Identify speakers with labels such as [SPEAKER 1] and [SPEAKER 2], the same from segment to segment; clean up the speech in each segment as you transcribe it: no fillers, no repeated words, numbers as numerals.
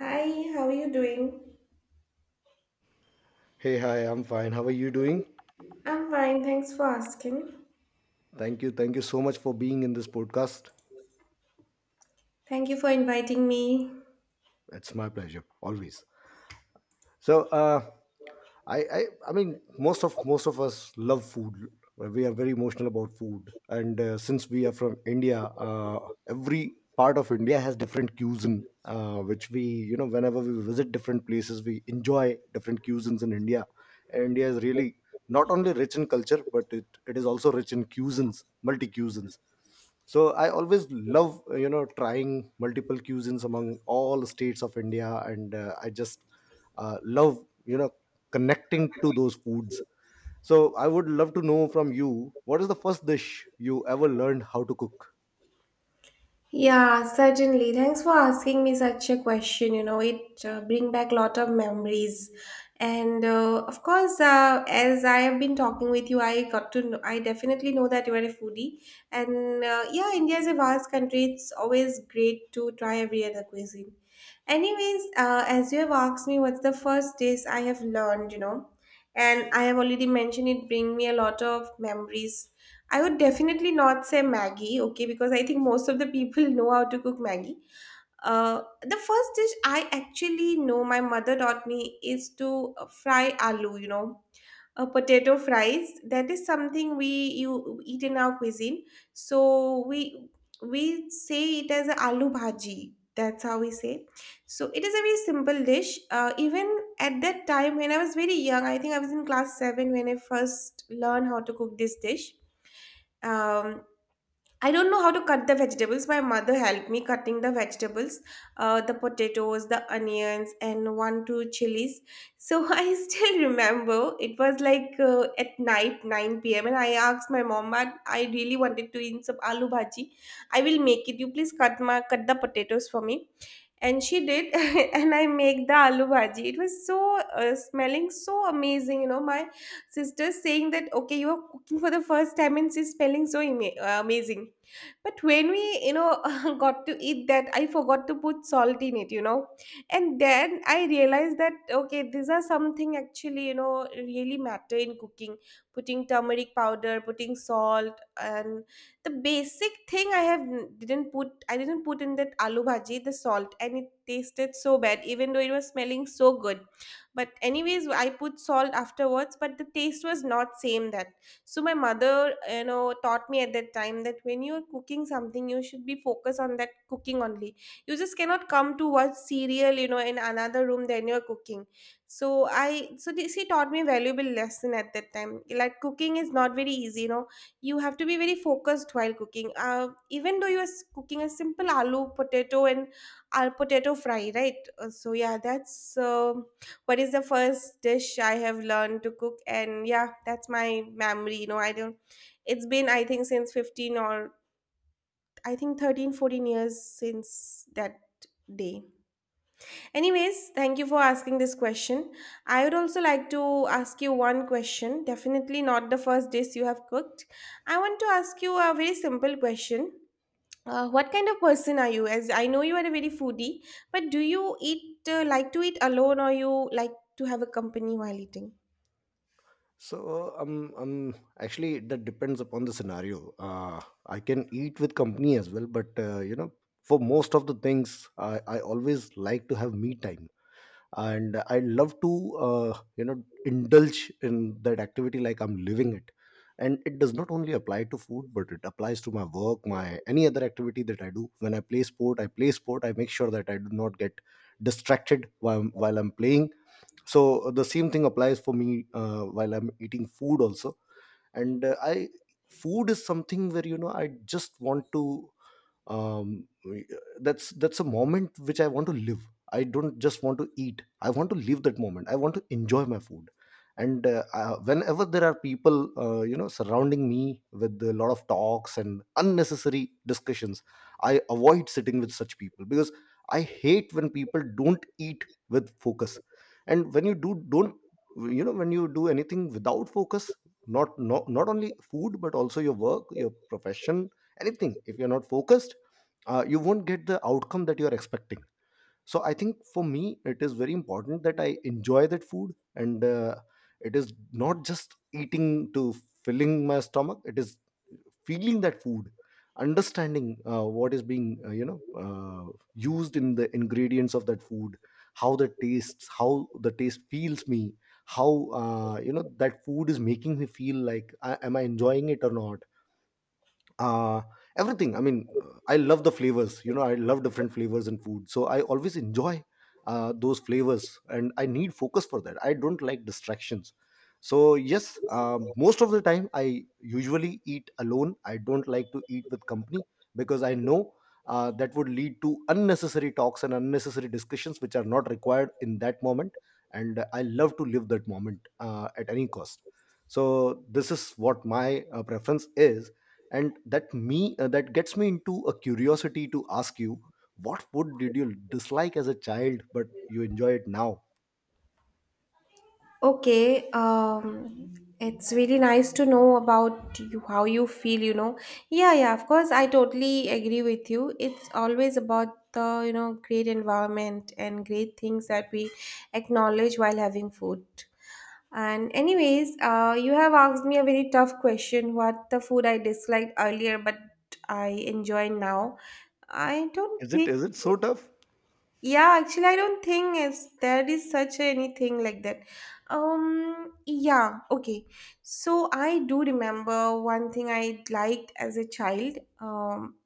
[SPEAKER 1] Hi, how are you doing?
[SPEAKER 2] Hey, hi, I'm fine. How are you doing?
[SPEAKER 1] I'm fine, thanks for asking.
[SPEAKER 2] Thank you. Thank you so much for being in this podcast.
[SPEAKER 1] Thank you for inviting me.
[SPEAKER 2] It's my pleasure, always. So, uh, I, I, I mean, most of us love food. We are very emotional about food, and since we are from India, every part of India has different cuisine, which we, you know, whenever we visit different places, we enjoy different cuisines in India. And India is really not only rich in culture, but it is also rich in cuisines, multi cuisines. So I always love, you know, trying multiple cuisines among all states of India, and I just love, you know, connecting to those foods. So I would love to know from you, what is the first dish you ever learned how to cook?
[SPEAKER 1] Yeah, certainly. Thanks for asking me such a question. You know, it bring back lot of memories, and of course, as I have been talking with you, I got to know, I definitely know that you are a foodie, and yeah, India is a vast country. It's always great to try every other cuisine. Anyways, as you have asked me, what's the first dish I have learned? You know, and I have already mentioned it bring me a lot of memories. I would definitely not say Maggie, okay, because I think most of the people know how to cook Maggie. The first dish I actually know my mother taught me is to fry aloo, you know, potato fries. That is something we you eat in our cuisine. So we say it as a aloo bhaji. That's how we say. So it is a very simple dish. Even at that time when I was very young, I think I was in class seven when I first learned how to cook this dish. um I don't know how to cut the vegetables. My mother helped me cutting the vegetables, the potatoes, the onions, and one, two chilies. So I still remember it was like at night, 9 p.m. And I asked my mom, but I really wanted to eat some aloo bhaji. I will make it. You please cut my cut the potatoes for me, and she did. And I make the aloo bhaji. It was so smelling so amazing, you know. My sister saying that okay, you are cooking for the first time and she's smelling so amazing. But when we, you know, got to eat that, I forgot to put salt in it, you know. And then I realized that okay, these are something actually, you know, really matter in cooking: putting turmeric powder, putting salt. And the basic thing I have n- didn't put I didn't put in that aloo bhaji, the salt, and it tasted so bad even though it was smelling so good. But anyways, I put salt afterwards but the taste was not same that. So my mother, you know, taught me at that time that when you're cooking something you should be focused on that cooking only. You just cannot come to watch serial, you know, in another room then you're cooking. So i so this, she taught me valuable lesson at that time, like cooking is not very easy, you know. You have to be very focused while cooking, even though you are cooking a simple aloo potato and al potato fry, right? So yeah, that's what is the first dish I have learned to cook. And yeah, that's my memory, you know. I don't, it's been I think since 15 or I think 13, 14 years since that day. Anyways, thank you for asking this question. I would also like to ask you one question. Definitely not the first dish you have cooked. I want to ask you a very simple question. What kind of person are you? As I know you are a very foodie, but do you eat like to eat alone or you like to have a company while eating?
[SPEAKER 2] So actually, that depends upon the scenario. I can eat with company as well, but you know, for most of the things, I always like to have me time, and I love to, you know, indulge in that activity like I'm living it. And it does not only apply to food, but it applies to my work, my any other activity that I do. When I play sport, I play sport. I make sure that I do not get distracted while I'm playing. So the same thing applies for me while I'm eating food also. And uh, i food is something where, you know, I just want to, um that's a moment which I want to live. I don't just want to eat, I want to live that moment, I want to enjoy my food. And whenever there are people, you know, surrounding me with a lot of talks and unnecessary discussions, I avoid sitting with such people, because I hate when people don't eat with focus. And when you do don't, you know, when you do anything without focus, not only food but also your work, your profession, anything, if you're not focused, you won't get the outcome that you're expecting. So I think for me it is very important that I enjoy that food, and it is not just eating to filling my stomach, it is feeling that food, understanding what is being, you know, used in the ingredients of that food, how the tastes, how the taste feels me, how, you know, that food is making me feel, like I, am I enjoying it or not. uh Everything, I love the flavors, you know, I love different flavors in food, so I always enjoy those flavors, and I need focus for that, I don't like distractions. So yes, most of the time I usually eat alone, I don't like to eat with company, because I know that would lead to unnecessary talks and unnecessary discussions which are not required in that moment. And I love to live that moment, at any cost. So this is what my preference is. And that me that gets me into a curiosity to ask you, what food did you dislike as a child but you enjoy it now?
[SPEAKER 1] Okay, it's really nice to know about you, how you feel, you know. Yeah, yeah, of course, I totally agree with you. It's always about the, you know, great environment and great things that we acknowledge while having food. And anyways, you have asked me a very tough question, what the food I disliked earlier but I enjoy now. I don't
[SPEAKER 2] Is it,
[SPEAKER 1] think.
[SPEAKER 2] is it so tough?
[SPEAKER 1] Yeah, actually, I don't think is there is such anything like that. Yeah, okay. So I do remember one thing I liked as a child.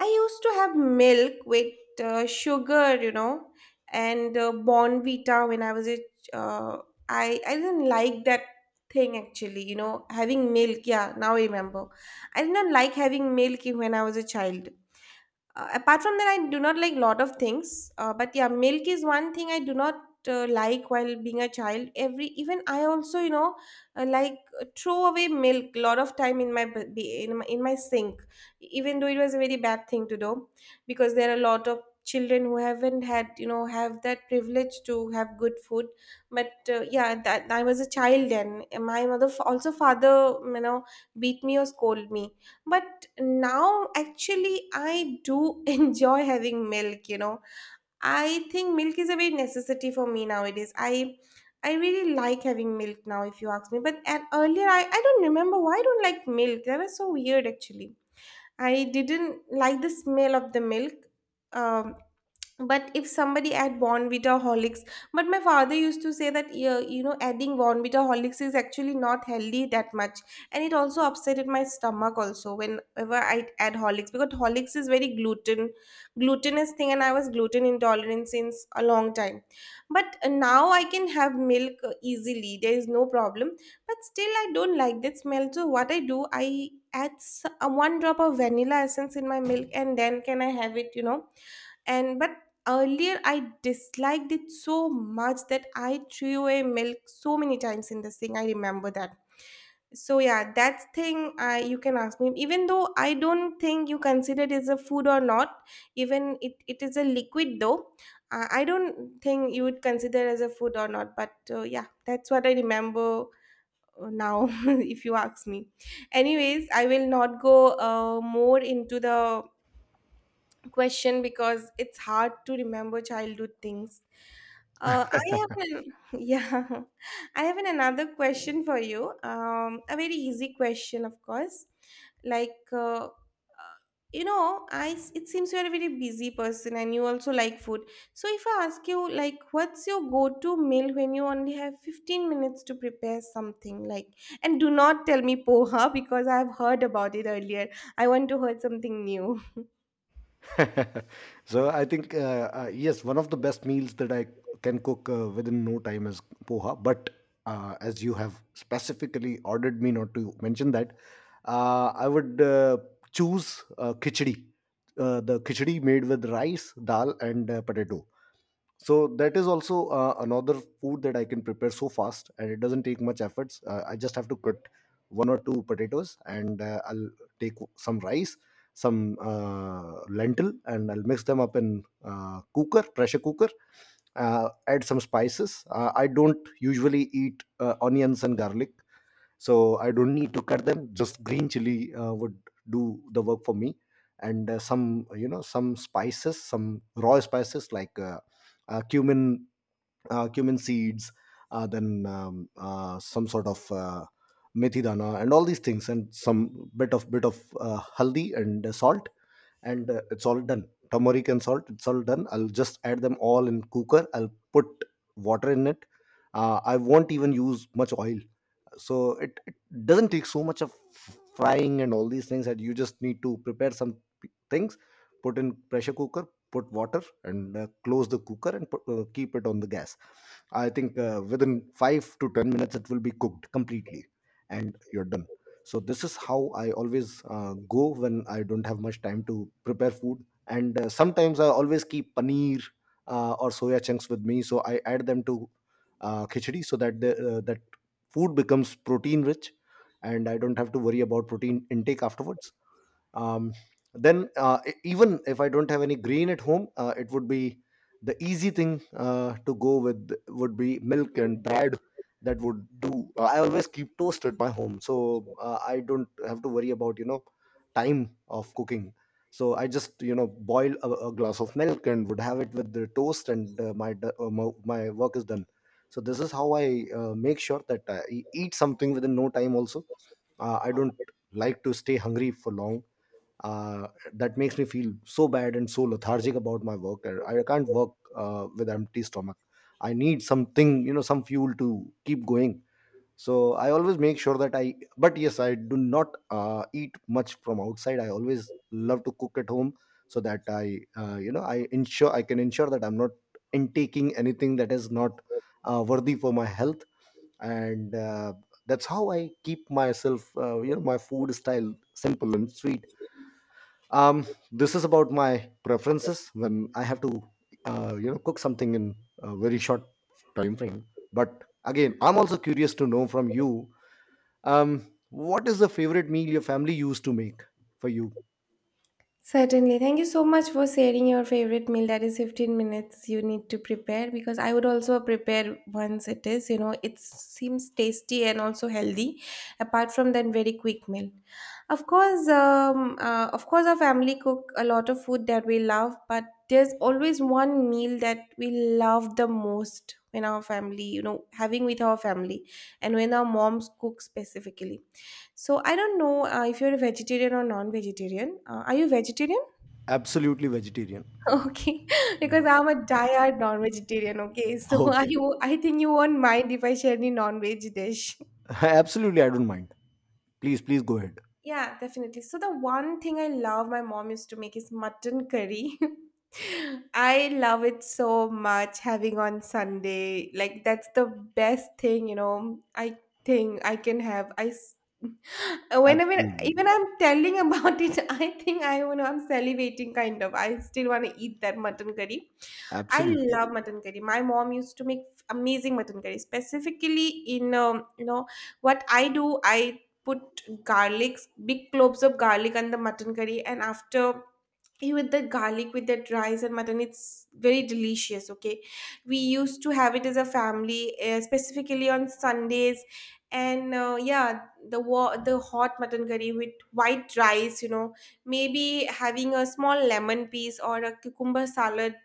[SPEAKER 1] I used to have milk with sugar, you know, and Bonvita when I was a I didn't like that thing actually. You know, having milk. Yeah, now I remember. I did not like having milk when I was a child, apart from that, I do not like lot of things. But yeah, milk is one thing I do not like while being a child. Every even I also, you know, like throw away milk lot of time in my b- b- in my sink, even though it was a very bad thing to do, because there are a lot of children who haven't had, you know, have that privilege to have good food. But yeah that I was a child then. And my mother also father, you know, beat me or scold me. But now actually I do enjoy having milk, you know. I think milk is a very necessity for me nowadays. I really like having milk now if you ask me. But at earlier, I don't remember why I don't like milk. That was so weird actually. I didn't like the smell of the milk. um, but if somebody add Bonvita, Horlicks. But my father used to say that yeah, you know, adding Bonvita Horlicks is actually not healthy that much. And it also upset my stomach also whenever I add Horlicks, because Horlicks is very gluten, glutinous thing, and I was gluten intolerant since a long time. But now I can have milk easily. There is no problem. But still I don't like that smell. So what I do, I add one drop of vanilla essence in my milk and then can I have it, you know. And but earlier I disliked it so much that I threw away milk so many times in this thing, I remember that. So yeah, that's thing I, you can ask me, even though I don't think you consider it as a food or not. Even it is a liquid though. I don't think you would consider as a food or not, but yeah that's what I remember now. If you ask me, anyways, I will not go more into the question because it's hard to remember childhood things. I have an, yeah, I have an, another question for you. A very easy question, of course. Like, you know, it seems you are a very busy person and you also like food. So if I ask you, like, what's your go-to meal when you only have 15 minutes to prepare something? Like, and do not tell me poha because I've heard about it earlier. I want to hear something new.
[SPEAKER 2] So I think, yes, one of the best meals that I can cook within no time is poha. But as you have specifically ordered me not to mention that, I would, choose khichdi. The khichdi made with rice, dal and potato. So that is also another food that I can prepare so fast, and it doesn't take much efforts. I just have to cut one or two potatoes, and I'll take some rice, some lentil, and I'll mix them up in cooker, pressure cooker. Add some spices. I don't usually eat onions and garlic, so I don't need to cut them, just green chili would do the work for me. And some, you know, some spices, some raw spices, like cumin, cumin seeds, then, some sort of methi dana and all these things, and some bit of haldi and salt. And it's all done, turmeric and salt, it's all done. I'll just add them all in cooker, I'll put water in it. I won't even use much oil. So it doesn't take so much of frying and all these things. That you just need to prepare some things, put in pressure cooker, put water, and close the cooker and keep it on the gas. I think within 5 to 10 minutes it will be cooked completely, and you're done. So this is how I always go when I don't have much time to prepare food. And sometimes I always keep paneer or soya chunks with me, so I add them to khichdi, so that the that food becomes protein rich, and I don't have to worry about protein intake afterwards. um, then, even if I don't have any green at home, it would be the easy thing, to go with would be milk and bread. That would do. I always keep toast at my home, so I don't have to worry about, you know, time of cooking. So I just, you know, boil a glass of milk and would have it with the toast, and my, d- my my work is done. So this is how I make sure that I eat something within no time also. I don't like to stay hungry for long. uh, that makes me feel so bad and so lethargic about my work. I can't work with empty stomach, I need something, you know, some fuel to keep going. So I always make sure that I, but yes, I do not eat much from outside, I always love to cook at home, so that I, you know, I can ensure that I'm not intaking anything that is not worthy for my health. And that's how I keep myself, you know, my food style simple and sweet. um this is about my preferences when I have to, you know, cook something in a very short time frame. But again, I'm also curious to know from you, um what is the favorite meal your family used to make for you?
[SPEAKER 1] Certainly. Thank you so much for sharing your favorite meal. That is 15 minutes you need to prepare, because I would also prepare once it is, you know, it seems tasty and also healthy apart from that very quick meal. Of course, our family cook a lot of food that we love, but there's always one meal that we love the most in our family, you know, having with our family and when our moms cook specifically. So I don't know if you're a vegetarian or non-vegetarian. Are you vegetarian?
[SPEAKER 2] Absolutely vegetarian.
[SPEAKER 1] Okay,
[SPEAKER 2] Yeah.
[SPEAKER 1] because I'm a diehard non-vegetarian. Okay, so I
[SPEAKER 2] Okay.
[SPEAKER 1] you I think you won't mind if I share any non-veg dish.
[SPEAKER 2] Absolutely, I don't mind, please, please go ahead.
[SPEAKER 1] Yeah, definitely. So the one thing I love my mom used to make is mutton curry. I love it so much having on Sunday. Like that's the best thing, you know. I think I can have. Whenever
[SPEAKER 2] Absolutely.
[SPEAKER 1] even I'm telling about it, I think I you know I'm salivating kind of. I still want to eat that mutton curry. I
[SPEAKER 2] Absolutely.
[SPEAKER 1] love mutton curry. My mom used to make amazing mutton curry. Specifically, in you know what I do, I put garlic, big cloves of garlic on the mutton curry, and after you with the garlic with that rice and mutton, it's very delicious. Okay, we used to have it as a family, specifically on Sundays, and yeah, the hot mutton curry with white rice, maybe having a small lemon piece or a cucumber salad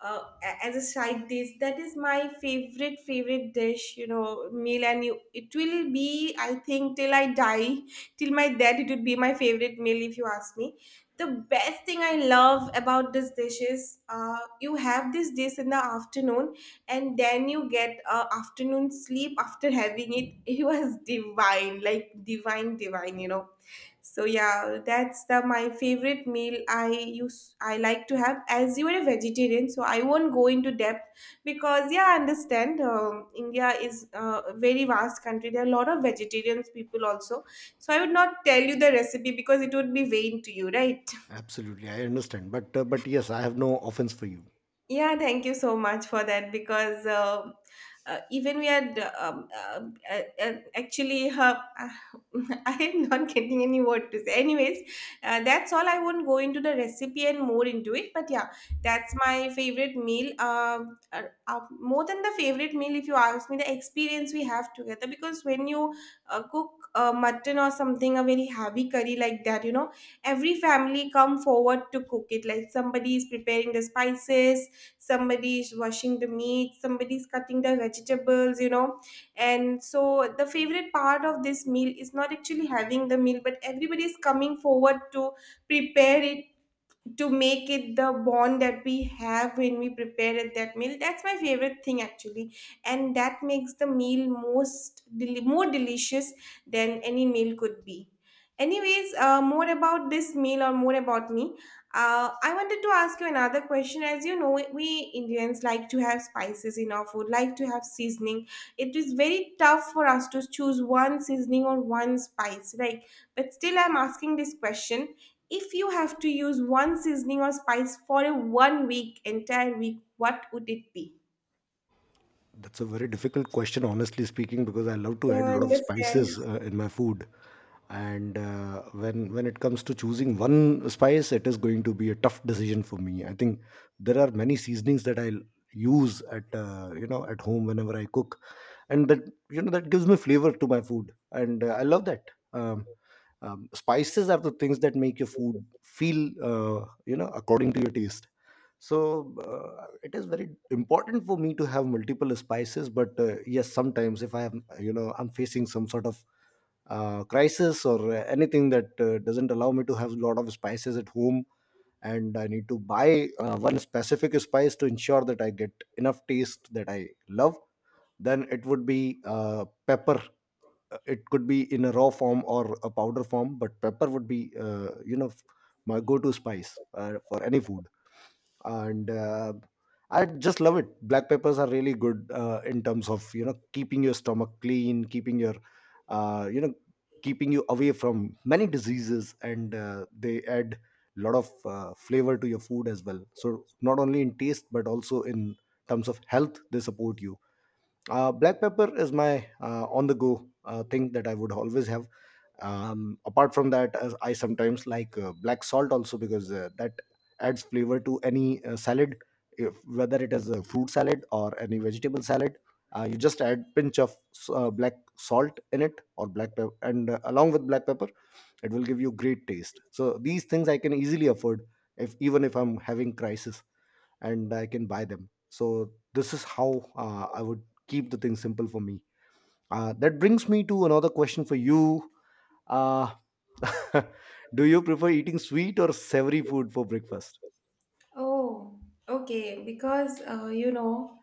[SPEAKER 1] as a side dish. That is my favorite favorite dish, meal. And it will be, I think, till I die. Till my death it would be my favorite meal if you ask me. The best thing I love about this dish is you have this dish in the afternoon, and then you get afternoon sleep after having it. It was divine, like divine, divine. So yeah, that's the my favorite meal I like to have. As you are a vegetarian, so I won't go into depth, because yeah, I understand. India is a very vast country. There are a lot of vegetarians, people also. So I would not tell you the recipe because it would be vain to you, right?
[SPEAKER 2] Absolutely, I understand. But but yes, I have no offense for you.
[SPEAKER 1] Yeah, thank you so much for that, because even we had actually I am not getting any word to say. Anyways, that's all. I won't go into the recipe and more into it, but yeah, that's my favorite meal. Uh, uh, More than the favorite meal, if you ask me, the experience we have together, because when you cook mutton or something, a very heavy curry like that, every family come forward to cook it. Like, somebody is preparing the spices, somebody is washing the meat, somebody is cutting the vegetables. And so the favorite part of this meal is not actually having the meal, but everybody is coming forward to prepare it, to make it. The bond that we have when we prepare at that meal, that's my favorite thing actually. And that makes the meal more delicious than any meal could be. Anyways, more about this meal or more about me. I wanted to ask you another question. As you know, we Indians like to have spices in our food, like to have seasoning. It is very tough for us to choose one seasoning or one spice, right? But still, I'm asking this question: if you have to use one seasoning or spice for a 1 week, entire week, what would it be?
[SPEAKER 2] That's a very difficult question, honestly speaking, because I love to
[SPEAKER 1] Yeah,
[SPEAKER 2] add a
[SPEAKER 1] I
[SPEAKER 2] lot of
[SPEAKER 1] understand.
[SPEAKER 2] spices in my food. And when it comes to choosing one spice, it is going to be a tough decision for me. I think there are many seasonings that I use at, you know, at home whenever I cook, and that, you know, that gives me flavor to my food, and I love that. Spices are the things that make your food feel, you know, according to your taste. So it is very important for me to have multiple spices. But yes, sometimes if I am, you know, I'm facing some sort of crisis, or anything that doesn't allow me to have a lot of spices at home, and I need to buy one specific spice to ensure that I get enough taste that I love, then it would be pepper. It could be in a raw form or a powder form, but pepper would be, you know, my go-to spice for any food. And I just love it. Black peppers are really good in terms of, you know, keeping your stomach clean, keeping your, you know, keeping you away from many diseases, and they add a lot of flavor to your food as well. So not only in taste but also in terms of health, they support you. Black pepper is my on the go thing that I would always have. Apart from that, as I sometimes like black salt also, because that adds flavor to any salad, if, whether it is a fruit salad or any vegetable salad. You just add pinch of black salt in it or black pepper, and along with black pepper, it will give you great taste. So these things I can easily afford, if even if I'm having crisis, and I can buy them. So this is how I would keep the thing simple for me. That brings me to another question for you. Uh, do you prefer eating sweet or savory food for breakfast?
[SPEAKER 1] Oh, okay. Because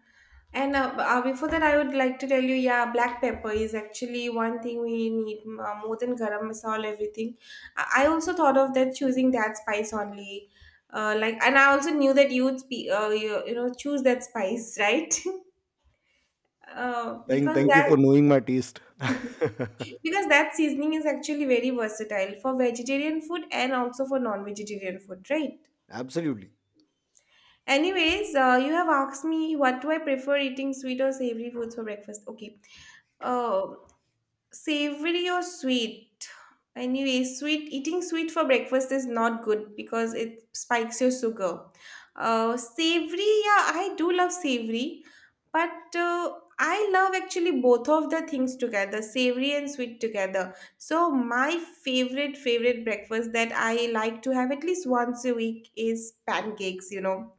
[SPEAKER 1] and before that, I would like to tell you, yeah, black pepper is actually one thing we need more than garam masala. Everything. I also thought of that, choosing that spice only. Like, and I also knew that you'd be, you, you know, choose that spice, right?
[SPEAKER 2] Thank,
[SPEAKER 1] Because
[SPEAKER 2] thank you
[SPEAKER 1] that
[SPEAKER 2] for knowing my taste.
[SPEAKER 1] Yes. Because that seasoning is actually very versatile for vegetarian food and also for non vegetarian food, right?
[SPEAKER 2] Absolutely.
[SPEAKER 1] Anyways, you have asked me what do I prefer eating sweet or savory foods for breakfast. Okay. Uh, Savory or sweet? Anyway, sweet eating sweet for breakfast is not good because it spikes your sugar. Savory, yeah, I do love savory, but I love actually both of the things together, savory and sweet together. So my favorite favorite breakfast that I like to have at least once a week is pancakes.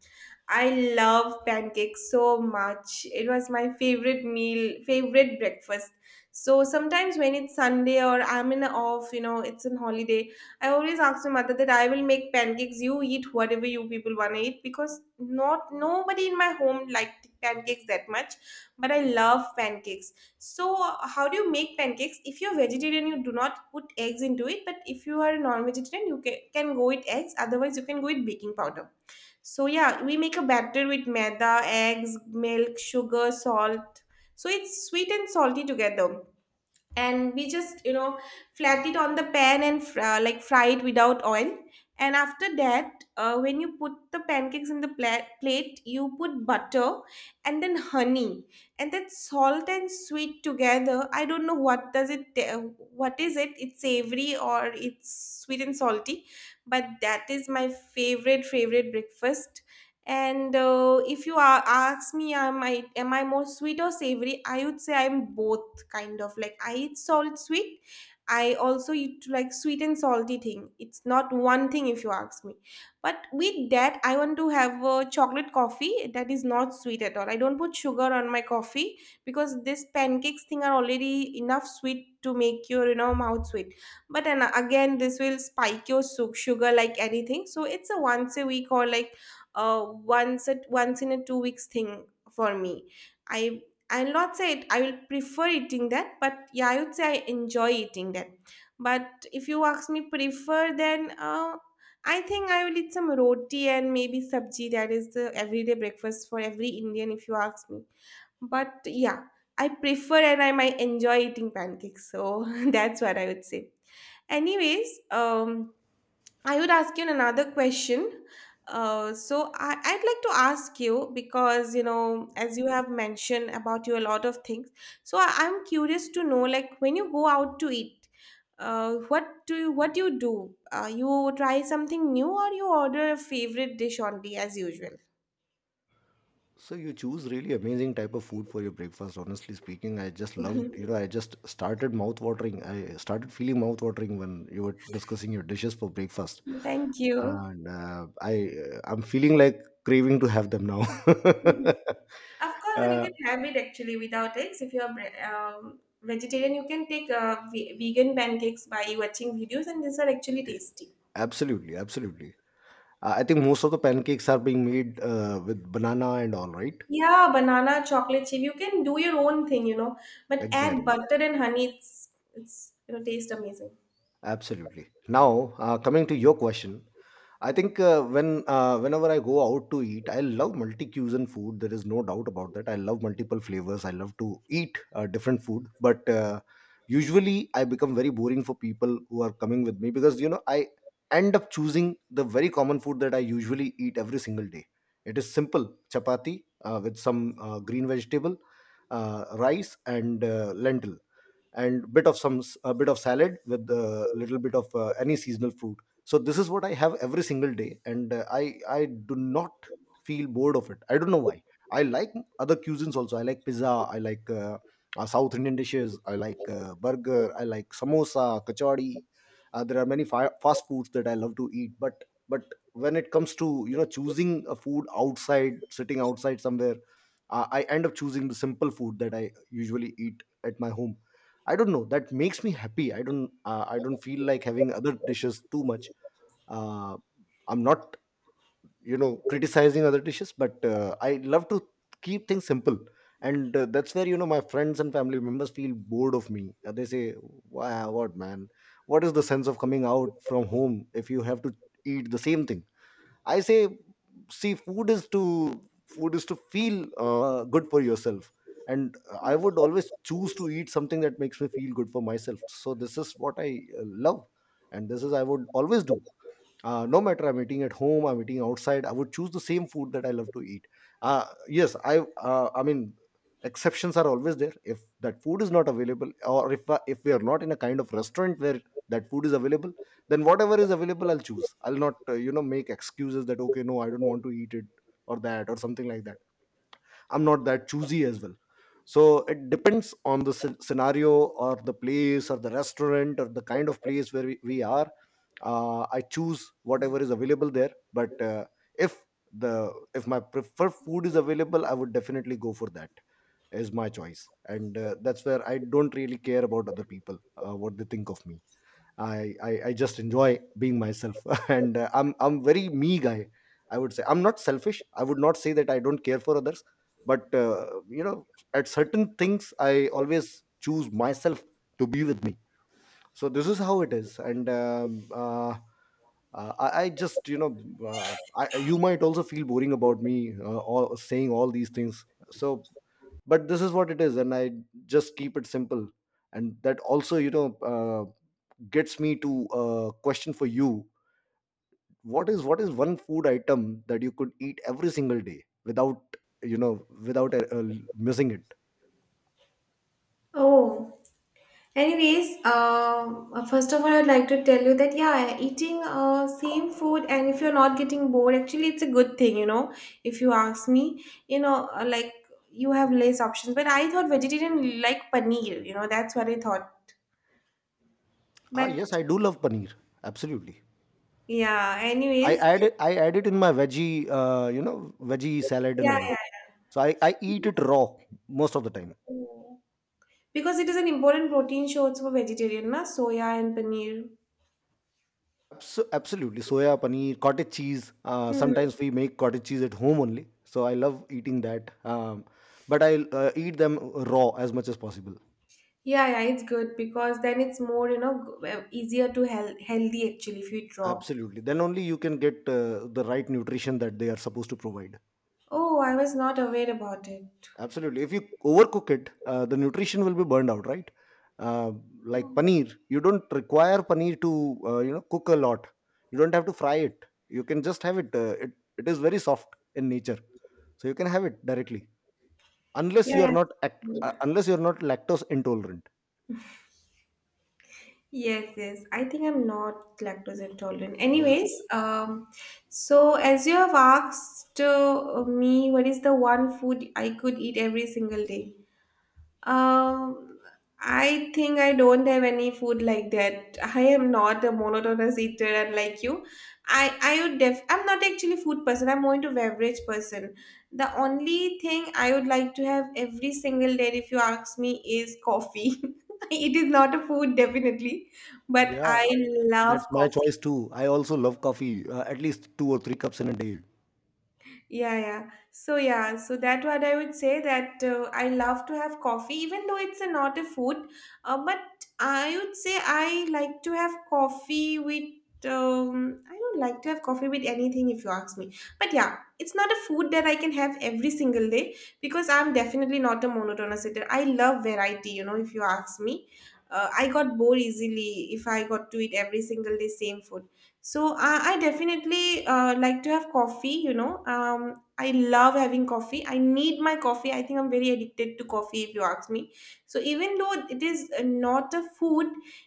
[SPEAKER 1] I love pancakes so much. It was my favorite meal, favorite breakfast. So sometimes when it's Sunday or I'm in a off, it's an holiday, I always ask my mother that I will make pancakes. You eat whatever you people wanna eat, because not nobody in my home liked pancakes that much, but I love pancakes. So how do you make pancakes? If you're vegetarian, you do not put eggs into it, but if you are a non-vegetarian, you can go with eggs. Otherwise, you can go with baking powder. So yeah, we make a batter with maida, eggs, milk, sugar, salt. So it's sweet and salty together. And we just, flat it on the pan and like fry it without oil. And after that, when you put the pancakes in the plate, you put butter and then honey. And that salt and sweet together, I don't know what does it, what is it? It's savory, or it's sweet and salty. But that is my favorite, favorite breakfast. And if you ask me, am I more sweet or savory? I would say I'm both, kind of, like I eat salt sweet. I also eat like sweet and salty thing. It's not one thing if you ask me. But with that, I want to have a chocolate coffee that is not sweet at all. I don't put sugar on my coffee because this pancakes thing are already enough sweet to make your mouth sweet. But and again, this will spike your sugar like anything. So it's a once a week, or like once in a 2 weeks thing for me. I I'll not say it. I will prefer eating that, but yeah, I would say I enjoy eating that. But if you ask me prefer, then I think I will eat some roti and maybe sabji. That is the everyday breakfast for every Indian, if you ask me. But yeah, I prefer and I might enjoy eating pancakes. So that's what I would say. Anyways, I would ask you another question. So I'd like to ask you because as you have mentioned about you a lot of things. So I'm curious to know, like when you go out to eat, what do you do? You try something new, or you order a favorite dish only as usual?
[SPEAKER 2] So you choose really amazing type of food for your breakfast. Honestly speaking, I just loved, you know, I just started mouth watering. I started feeling mouth watering when you were discussing your dishes for breakfast.
[SPEAKER 1] Thank you.
[SPEAKER 2] And I'm feeling like craving to have them now.
[SPEAKER 1] Of course, and you
[SPEAKER 2] uh,
[SPEAKER 1] can have it actually without eggs. If you're vegetarian, you can take vegan pancakes by watching videos, and these are actually tasty.
[SPEAKER 2] absolutely, absolutely. I think most of the pancakes are being made with banana and all, right?
[SPEAKER 1] Yeah, banana chocolate chip. You can do your own thing, but add
[SPEAKER 2] Exactly.
[SPEAKER 1] butter and honey. It's taste amazing.
[SPEAKER 2] Absolutely. Now, coming to your question, I think whenever I go out to eat, I love multi-cuisine food. There is no doubt about that. I love multiple flavors. I love to eat different food, but usually I become very boring for people who are coming with me because you know I end up choosing the very common food that I usually eat every single day. It is simple chapati with some green vegetable, rice, and lentil and bit of some a bit of salad with a little bit of any seasonal fruit. So this is what I have every single day, and I do not feel bored of it. I don't know why. I like other cuisines also. I like pizza, I like South Indian dishes, I like burger, I like samosa, kachori. There are many fast foods that I love to eat, but when it comes to, you know, choosing a food outside, sitting outside somewhere, I end up choosing the simple food that I usually eat at my home. I don't know. That makes me happy. I don't feel like having other dishes too much. Uh, I'm not, you know, criticizing other dishes, but I love to keep things simple. And that's where, you know, my friends and family members feel bored of me. They say, "Wow, what man? What is the sense of coming out from home if you have to eat the same thing?" I say, see, food is to feel good for yourself, and I would always choose to eat something that makes me feel good for myself. So this is what I love, and this is I would always do. No matter I'm eating at home, I'm eating outside, I would choose the same food that I love to eat. Yes, I mean, exceptions are always there if that food is not available, or if we are not in a kind of restaurant where that food is available, then whatever is available I'll choose. I'll not, you know, make excuses that, okay, no, I don't want to eat it, or that, or something like that. I'm not that choosy as well. So it depends on the scenario, or the place, or the restaurant, or the kind of place where we are. I choose whatever is available there, but if the if my preferred food is available, I would definitely go for that as my choice. And that's where I don't really care about other people, what they think of me. I just enjoy being myself, and I'm very me guy. I would say I'm not selfish. I would not say that I don't care for others, but you know, at certain things, I always choose myself to be with me. So this is how it is, and I just, you know, uh, you might also feel boring about me saying all these things. So but this is what it is, and I just keep it simple. And that also, you know, gets me to a question for you. What is one food item that you could eat every single day without, you know, without missing it?
[SPEAKER 1] Oh, anyways, first of all, I'd like to tell you that yeah, eating same food, and if you're not getting bored, actually, it's a good thing. If you ask me, like, you have less options. But I thought vegetarian like paneer, that's what I thought.
[SPEAKER 2] Ah,
[SPEAKER 1] But
[SPEAKER 2] yes, I do love paneer. Absolutely.
[SPEAKER 1] yeah,
[SPEAKER 2] i
[SPEAKER 1] anyways.
[SPEAKER 2] add it i add it in my veggie, you know, veggie salad and
[SPEAKER 1] Yeah,
[SPEAKER 2] all.
[SPEAKER 1] yeah.
[SPEAKER 2] So I eat it raw most of the time.
[SPEAKER 1] Yeah. Because it is an important protein source for vegetarian, na? Soya and paneer.
[SPEAKER 2] Absolutely. Soya, paneer, cottage cheese.
[SPEAKER 1] Hmm.
[SPEAKER 2] Sometimes we make cottage cheese at home only. So I love eating that. But I Eat them raw as much as possible.
[SPEAKER 1] Yeah, yeah, it's good because then it's more, easier to healthy actually if you eat raw.
[SPEAKER 2] Absolutely. Then only you can get the right nutrition that they are supposed to provide.
[SPEAKER 1] Oh, I was not aware about it.
[SPEAKER 2] Absolutely. If you overcook it, the nutrition will be burned out, right? Uh, like paneer, you don't require paneer to, you know, cook a lot. You don't have to fry it. You can just have it. It is very soft in nature, so you can have it directly, unless you
[SPEAKER 1] Yeah.
[SPEAKER 2] are not
[SPEAKER 1] Yeah.
[SPEAKER 2] unless you are not lactose intolerant.
[SPEAKER 1] Yes, yes. I think I'm not lactose intolerant.
[SPEAKER 2] Yeah,
[SPEAKER 1] Anyways, so as you have asked me, what is the one food I could eat every single day? Um, I think I don't have any food like that. I am not a monotonous eater, unlike you. I would def. I'm not actually food person. I'm more into beverage person. The only thing I would like to have every single day, if you ask me, is coffee. It is not a food, definitely, but I
[SPEAKER 2] yeah.
[SPEAKER 1] love
[SPEAKER 2] That's my
[SPEAKER 1] coffee.
[SPEAKER 2] choice too. I also love coffee. At least two or three cups in a day.
[SPEAKER 1] Yeah, yeah. So yeah, so that what I would say that I love to have coffee, even though it's not a food. But I would say I like to have coffee with. I don't like to have coffee with anything, if you ask me. But yeah, it's not a food that I can have every single day because I'm definitely not a monotonous eater. I love variety. If you ask me, I got bored easily if I got to eat every single day same food. So I definitely like to have coffee. I love having coffee. I need my coffee. I think I'm very addicted to coffee, if you ask me. So even though it is not a food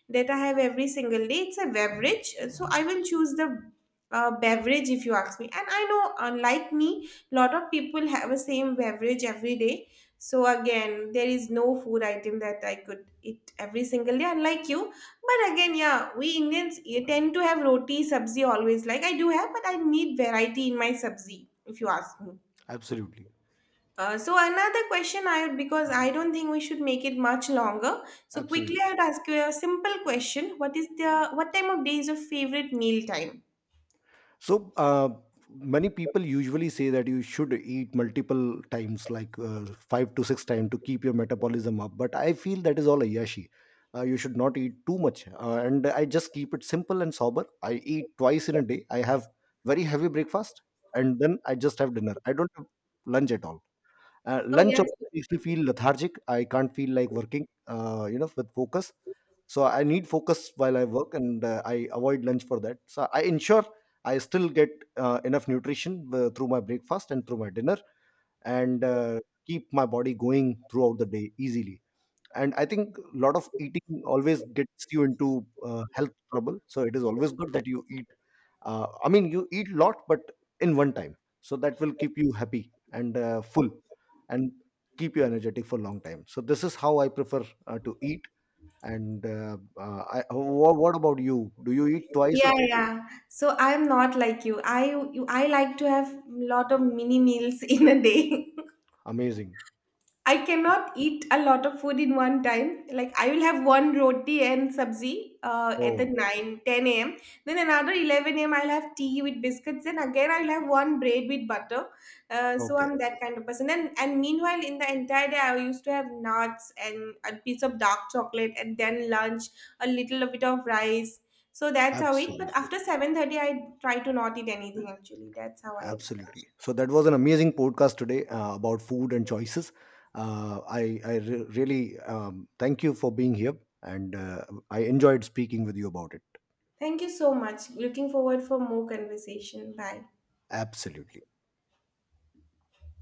[SPEAKER 1] that I have every single day, it's a beverage. So I will choose the beverage if you ask me. And I know, unlike me, a lot of people have a same beverage every day. So again, there is no food item that I could eat every single day, unlike you. But again, yeah, we Indians tend to have roti, sabzi always. Like, I do have, but I need variety in my sabzi, if you ask me.
[SPEAKER 2] Absolutely,
[SPEAKER 1] So another question I would, because I don't think we should make it much longer. So quickly, I
[SPEAKER 2] absolutely.
[SPEAKER 1] would ask you a simple question: What time of day is your favorite meal time?
[SPEAKER 2] So, many people usually say that you should eat multiple times, like five to six times, to keep your metabolism up. But I feel that is all Ayashi. You should not eat too much. And I just keep it simple and sober. I eat twice in a day. I have very heavy breakfast and then I just have dinner. I don't have lunch at all.
[SPEAKER 1] Oh,
[SPEAKER 2] Lunch
[SPEAKER 1] yes.
[SPEAKER 2] also makes me feel lethargic. I can't feel like working, you know, with focus. So I need focus while I work, and I avoid lunch for that. So I ensure I still get enough nutrition through my breakfast and through my dinner, and keep my body going throughout the day easily. And I think a lot of eating always gets you into health trouble, so it is always good that you eat, I mean, you eat a lot but in one time. So that will keep you happy and full and keep you energetic for a long time. So this is how I prefer to eat. Oh, what about you? Do you eat twice
[SPEAKER 1] Yeah,
[SPEAKER 2] or
[SPEAKER 1] yeah. So I'm not like you. I like to have lot of mini meals in a day.
[SPEAKER 2] amazing?
[SPEAKER 1] I cannot eat a lot of food in one time. Like, I will have one roti and sabzi at the
[SPEAKER 2] Oh,
[SPEAKER 1] 9:10 a.m. Then another 11 a.m. I'll have tea with biscuits. Then again I'll have one bread with butter. So
[SPEAKER 2] okay.
[SPEAKER 1] I'm that kind of person. And meanwhile, in the entire day, I used to have nuts and a piece of dark chocolate and then lunch, a little bit of rice. So that's how it. But
[SPEAKER 2] Absolutely.
[SPEAKER 1] after 7:30, I try to not eat anything actually. That's how I am.
[SPEAKER 2] Absolutely. So that was an amazing podcast today about food and choices. I really thank you for being here, and I enjoyed speaking with you about it.
[SPEAKER 1] Thank you so much. Looking forward for more conversation. Bye.
[SPEAKER 2] Absolutely.